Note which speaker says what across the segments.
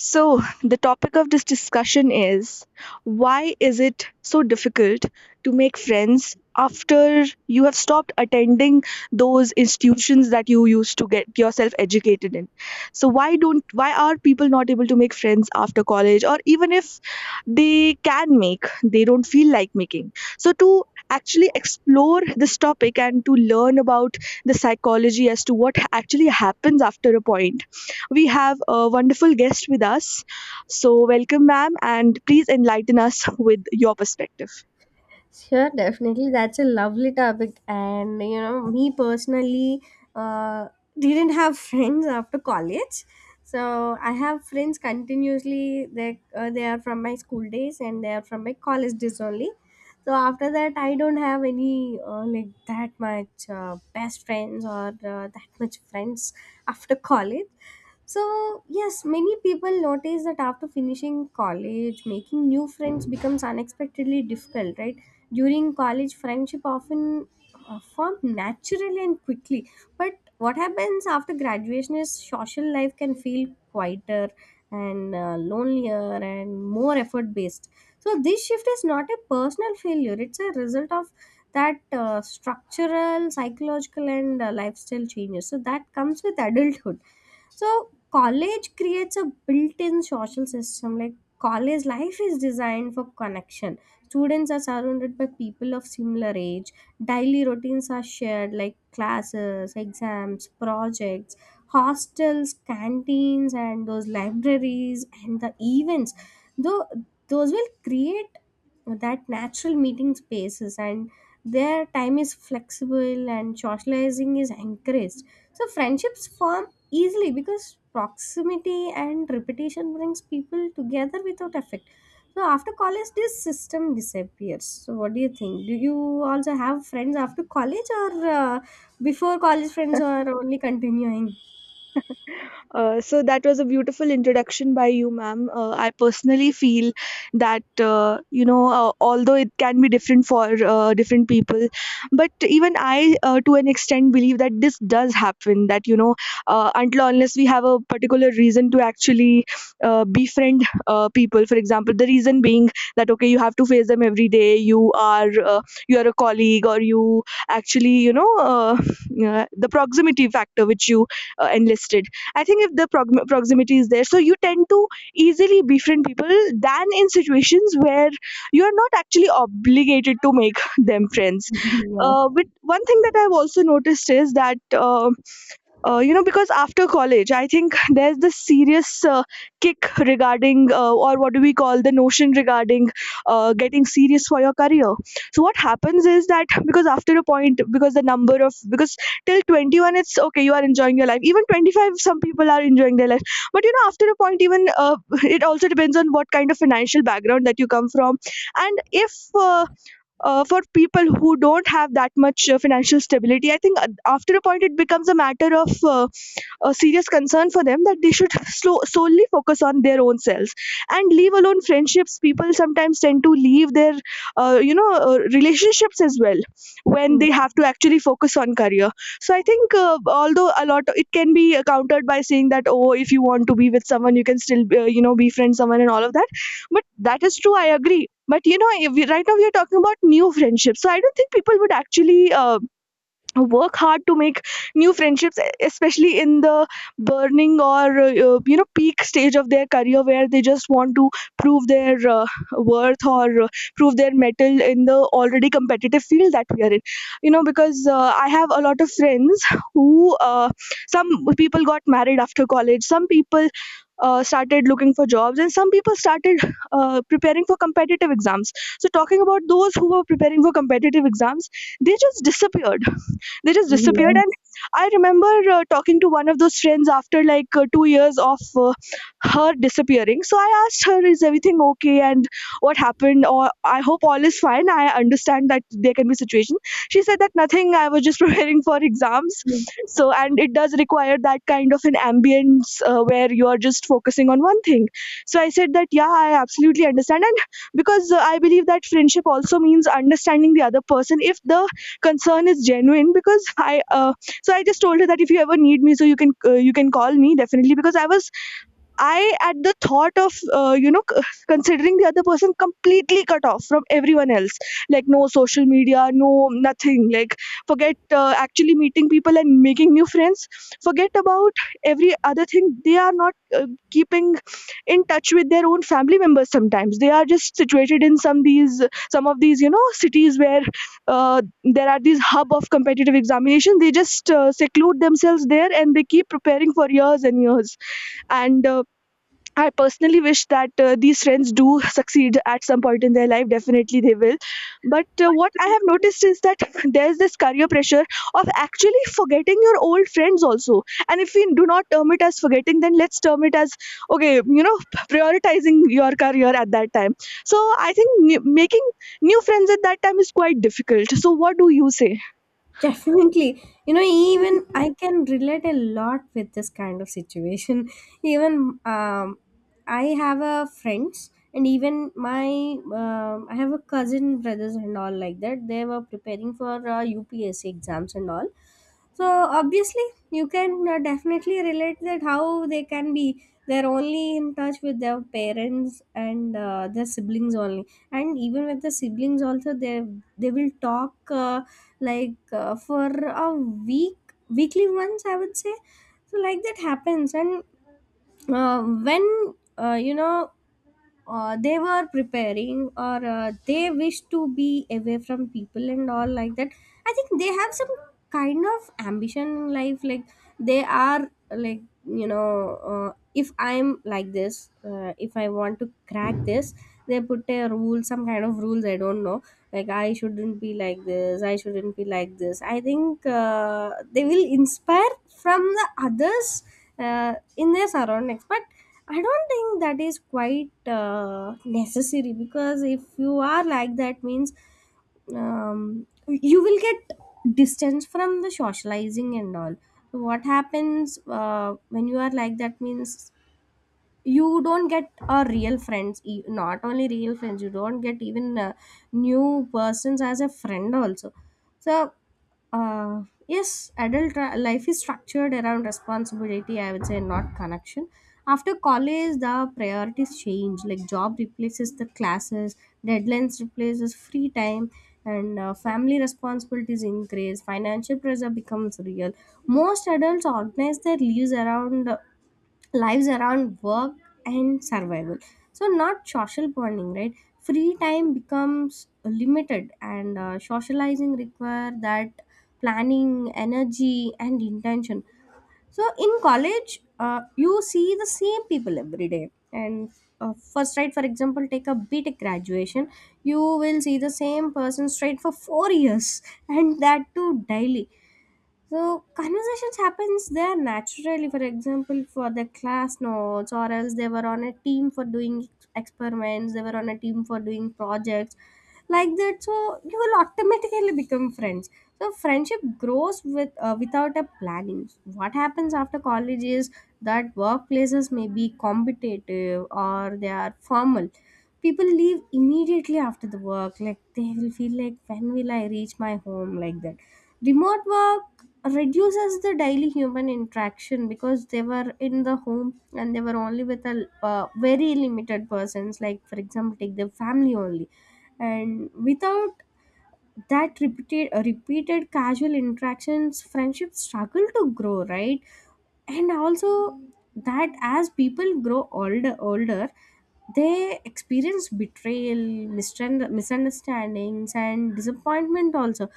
Speaker 1: So, the topic of this discussion is why is it so difficult to make friends after you have stopped attending those institutions that you used to get yourself educated in? So, why are people not able to make friends after college, or even if they can make, they don't feel like making? So, to actually explore this topic and to learn about the psychology as to what actually happens after a point, we have a wonderful guest with us. So, welcome, ma'am, and please enlighten us with your perspective.
Speaker 2: Sure, definitely. That's a lovely topic. And, you know, me personally uh, didn't have friends after college. So I have friends continuously. They are from my school days and they are from my college days only. So after that, I don't have any like that much best friends or that much friends after college. So, yes, many people notice that after finishing college, making new friends becomes unexpectedly difficult, right? During college, friendship often form naturally and quickly. But what happens after graduation is social life can feel quieter and lonelier and more effort based. So this shift is not a personal failure; it's a result of that structural, psychological, and lifestyle changes. So that comes with adulthood. So college creates a built-in social system. Like college life is designed for connection. Students are surrounded by people of similar age. Daily routines are shared like classes, exams, projects, hostels, canteens and those libraries and the events. Though those will create that natural meeting spaces and their time is flexible and socializing is encouraged. So friendships form easily because proximity and repetition brings people together without effect. So after college this system disappears. So what do you think, do you also have friends after college or before college friends or only continuing?
Speaker 1: So that was a beautiful introduction by you, ma'am. I personally feel that although it can be different for different people, but even I, to an extent, believe that this does happen. That, until or unless we have a particular reason to actually befriend people. For example, the reason being that okay, you have to face them every day. You are a colleague, or you actually, the proximity factor which you enlisted. I think if the proximity is there, so you tend to easily befriend people than in situations where you are not actually obligated to make them friends. Uh, But
Speaker 2: Yes.
Speaker 1: one thing that I've also noticed is that because after college, I think there's this serious kick regarding, or what do we call, the notion regarding getting serious for your career. So, what happens is that because after a point, because the number of, because till 21, it's okay, you are enjoying your life. Even 25, some people are enjoying their life. But, after a point, even it also depends on what kind of financial background that you come from. And if For people who don't have that much financial stability, I think after a point, it becomes a matter of a serious concern for them, that they should solely focus on their own selves and leave alone friendships. People sometimes tend to leave their relationships as well when they have to actually focus on career. So I think, although a lot, it can be countered by saying that, oh, if you want to be with someone, you can still, befriend someone and all of that. But that is true, I agree. But if right now we are talking about new friendships, so I don't think people would actually work hard to make new friendships, especially in the burning or peak stage of their career, where they just want to prove their worth, or prove their metal in the already competitive field that we are in. Because I have a lot of friends who, some people got married after college, some people started looking for jobs, and some people started preparing for competitive exams. So talking about those who were preparing for competitive exams, they just disappeared. They just disappeared. And
Speaker 2: Yes.
Speaker 1: I remember talking to one of those friends after like 2 years of her disappearing. So I asked her, "Is everything okay? And what happened? Or I hope all is fine. I understand that there can be situation." She said that nothing. I was just preparing for exams.
Speaker 2: Yes.
Speaker 1: So, and it does require that kind of an ambience where you are just focusing on one thing. So I said that yeah, I absolutely understand. And because I believe that friendship also means understanding the other person. If the concern is genuine, because I so I just told her that if you ever need me, so you can call me definitely, because I, at the thought of, considering the other person completely cut off from everyone else, like no social media, no nothing, like forget actually meeting people and making new friends, forget about every other thing. They are not keeping in touch with their own family members sometimes. They are just situated in some of these cities where there are these hub of competitive examination. They just seclude themselves there, and they keep preparing for years and years. And I personally wish that these friends do succeed at some point in their life. Definitely they will. But what I have noticed is that there's this career pressure of actually forgetting your old friends also. And if we do not term it as forgetting, then let's term it as, okay, prioritizing your career at that time. So I think making new friends at that time is quite difficult. So what do you say?
Speaker 2: Definitely. You know, even I can relate a lot with this kind of situation. Even I have a friends and even my I have a cousin brothers and all like that. They were preparing for UPSC exams and all. So obviously, you can definitely relate that how they can be. They're only in touch with their parents and their siblings only and even with the siblings also they will talk like for a week, weekly once I would say. So like that happens and when uh, you know they were preparing or they wish to be away from people and all like that. I think they have some kind of ambition in life, like they are like, you know, if I'm like this, if I want to crack this, they put a rule, some kind of rules, I don't know, like I shouldn't be like this, I shouldn't be like this. I think they will inspire from the others in their surroundings. But I don't think that is quite necessary, because if you are like that means you will get distance from the socializing and all. So what happens when you are like that means you don't get a real friends, not only real friends, you don't get even new persons as a friend also. So yes, adult life is structured around responsibility, I would say, not connection. After college the priorities change, like job replaces the classes, deadlines replaces free time, and family responsibilities increase, financial pressure becomes real. Most adults organize their lives around work and survival, so not social bonding, right? Free time becomes limited and socializing require that planning, energy and intention. So in college you see the same people every day and first right, for example take a btech graduation, you will see the same person straight for 4 years and that too daily. So conversations happens there naturally. For example, for the class notes, or else they were on a team for doing experiments. They were on a team for doing projects, like that. So you will automatically become friends. So friendship grows with without a planning. What happens after college is that workplaces may be competitive or they are formal. People leave immediately after the work, like they will feel like when will I reach my home, like that. Remote work reduces the daily human interaction, because they were in the home and they were only with a very limited persons, like, for example, take their family only. And without that repeated casual interactions, friendships struggle to grow, right? And also, that as people grow older, they experience betrayal, misunderstandings, and disappointment also.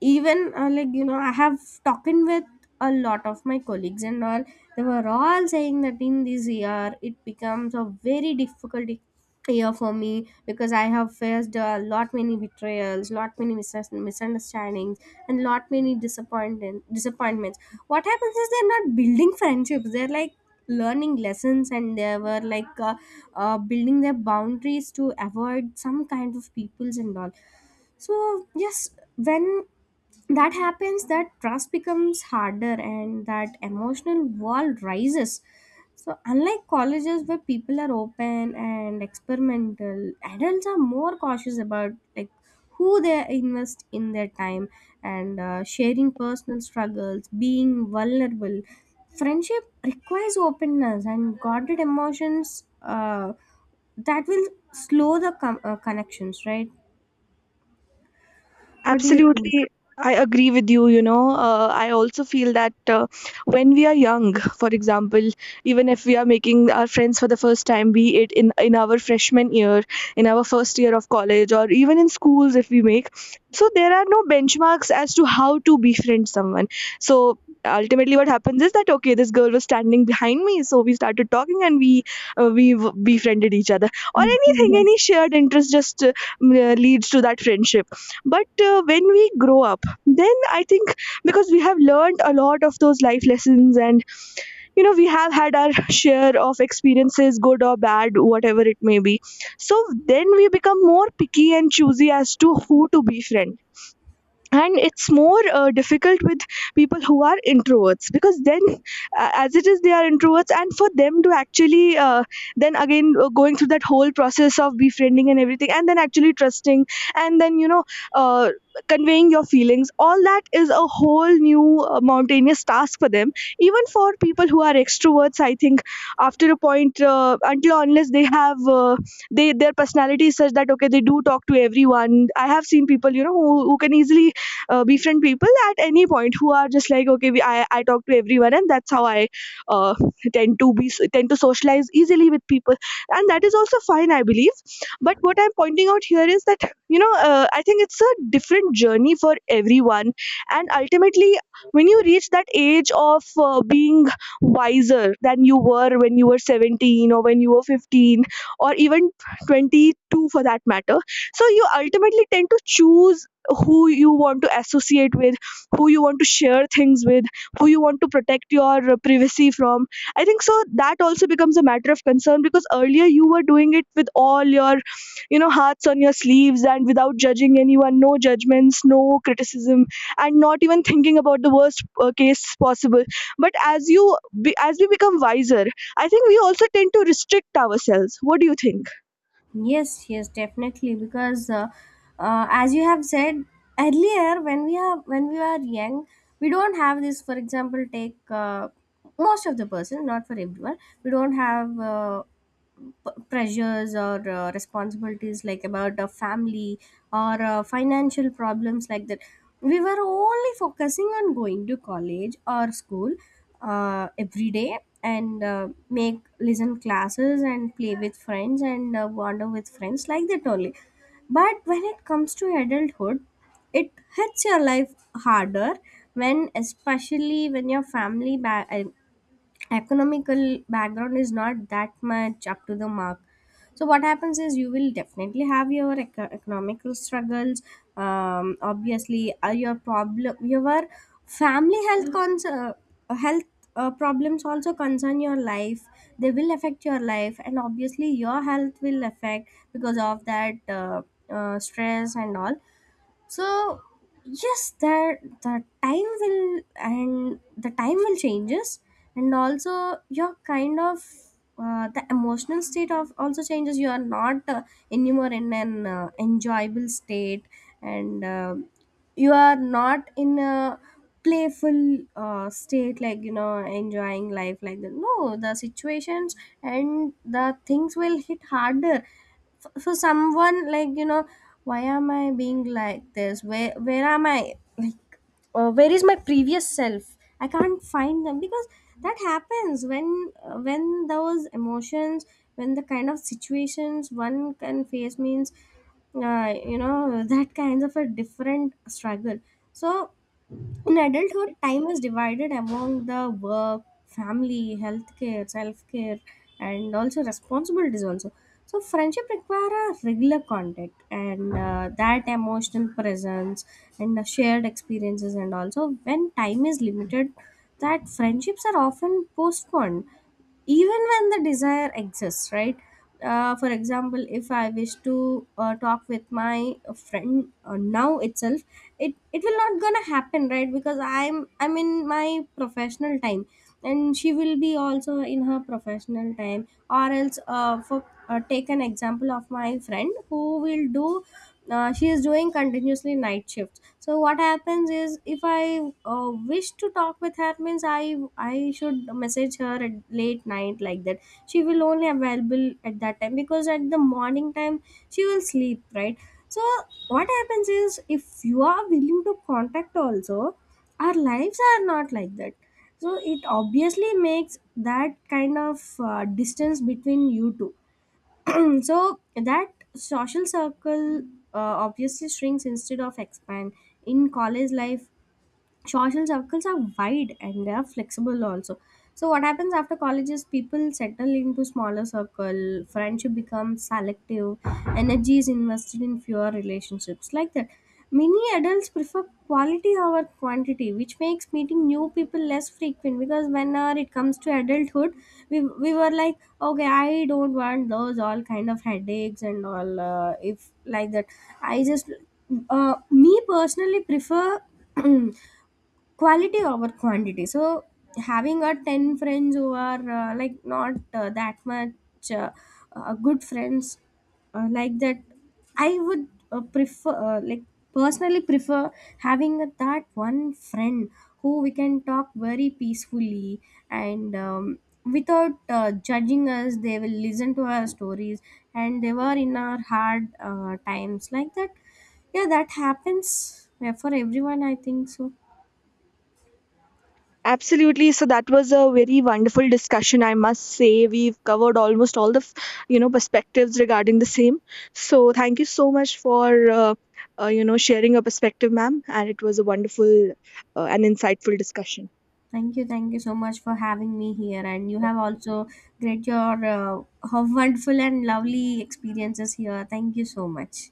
Speaker 2: Even like you know, I have talking with a lot of my colleagues and all, they were all saying that in this year it becomes a very difficult year for me, because I have faced a lot many betrayals, lot many misunderstandings, and lot many disappointments. What happens is they're not building friendships, they're like learning lessons, and they were like building their boundaries to avoid some kind of peoples and all. So yes, when that happens, that trust becomes harder and that emotional wall rises. So unlike colleges where people are open and experimental, adults are more cautious about like who they invest in their time and sharing personal struggles, being vulnerable. Friendship requires openness, and guarded emotions that will slow the connections, right? What do you think?
Speaker 1: Absolutely, I agree with you. I also feel that when we are young, for example, even if we are making our friends for the first time, be it in our freshman year, in our first year of college, or even in schools, if we make, so there are no benchmarks as to how to befriend someone. So ultimately, what happens is that okay, this girl was standing behind me, so we started talking, and we befriended each other, or
Speaker 2: Yeah,
Speaker 1: anything, any
Speaker 2: yes.
Speaker 1: shared interest just leads to that friendship. But when we grow up, then I think, because we have learned a lot of those life lessons, and we have had our share of experiences, good or bad, whatever it may be. So then we become more picky and choosy as to who to befriend, and it's more difficult with people who are introverts, because then, as it is, they are introverts, and for them to actually, then again, going through that whole process of befriending and everything, and then actually trusting, and then uh, conveying your feelings, all that is a whole new mountainous task for them. Even for people who are extroverts, I think after a point, until or unless they have, they their personality is such that okay, they do talk to everyone. I have seen people, who can easily befriend people at any point, who are just like okay, I talk to everyone, and that's how I uh, tend to socialize easily with people. And that is also fine, I believe. But what I'm pointing out here is that I think it's a different journey for everyone, and ultimately when you reach that age of being wiser than you were when you were 17, or when you were 15, or even 22 for that matter. So you ultimately tend to choose who you want to associate with, who you want to share things with, who you want to protect your privacy from. I think so that also becomes a matter of concern, because earlier you were doing it with all your, hearts on your sleeves, and without judging anyone, no judgments, no criticism, and not even thinking about the worst case possible. But as we become wiser, I think we also tend to restrict ourselves. What do you think?
Speaker 2: Yes, yes, definitely. Because as you have said earlier, when we are young, we don't have this. For example, take most of the person, not for everyone. We don't have. Pressures or responsibilities like about a family or financial problems, like that. We were only focusing on going to college or school every day and make listen classes and play with friends and wander with friends like that only. But when it comes to adulthood, it hits your life harder, when especially when your family ba- I economical background is not that much up to the mark. So what happens is you will definitely have your economical struggles. Obviously your problem, your family health problems also concern your life. They will affect your life, and obviously your health will affect because of that stress and all. So yes, there the time will changes. And also your kind of the emotional state of also changes. You are not anymore in an enjoyable state, and you are not in a playful state, like you know, enjoying life like that, no the situations and the things will hit harder. For someone like, you know, why am I being like this, where am I, like where is my previous self, I can't find them. Because that happens when when those emotions, when the kind of situations one can face means you know that kinds of a different struggle. So in adulthood, time is divided among the work, family, healthcare, self care, and also responsibilities. Also, so friendship require a regular contact and that emotional presence and the shared experiences. And also, when time is limited, that friendships are often postponed even when the desire exists, right? For example, if I wish to talk with my friend now itself, it will not gonna happen, right? Because I'm in my professional time and she will be also in her professional time. Or else, for take an example of my friend who will do, she is doing continuously night shifts. So what happens is if I wish to talk with her means I should message her at late night, like that. She will only available at that time, because at the morning time she will sleep, right? So what happens is, if you are willing to contact also, our lives are not like that. So it obviously makes that kind of distance between you two. So that social circle obviously shrinks instead of expand. In college life social circles are wide and they are flexible also. So what happens after college is people settle into smaller circle, friendship becomes selective, energy is invested in fewer relationships, like that. Many adults prefer quality over quantity, which makes meeting new people less frequent, because whenever it comes to adulthood we were like, okay, I don't want those all kind of headaches and all, if like that, I just, me personally prefer quality over quantity. So having a 10 friends who are like not that much good friends like that, I would prefer, personally prefer having a, that one friend who we can talk very peacefully, and without judging us, they will listen to our stories and they were in our hard times, like that. Yeah that happens, yeah, for everyone I think so.
Speaker 1: Absolutely. So that was a very wonderful discussion, I must say. We've covered almost all the perspectives regarding the same. So thank you so much for, sharing your perspective, ma'am. And it was a wonderful and insightful discussion.
Speaker 2: Thank you so much for having me here, and you have also great your wonderful and lovely experiences here. Thank you so much.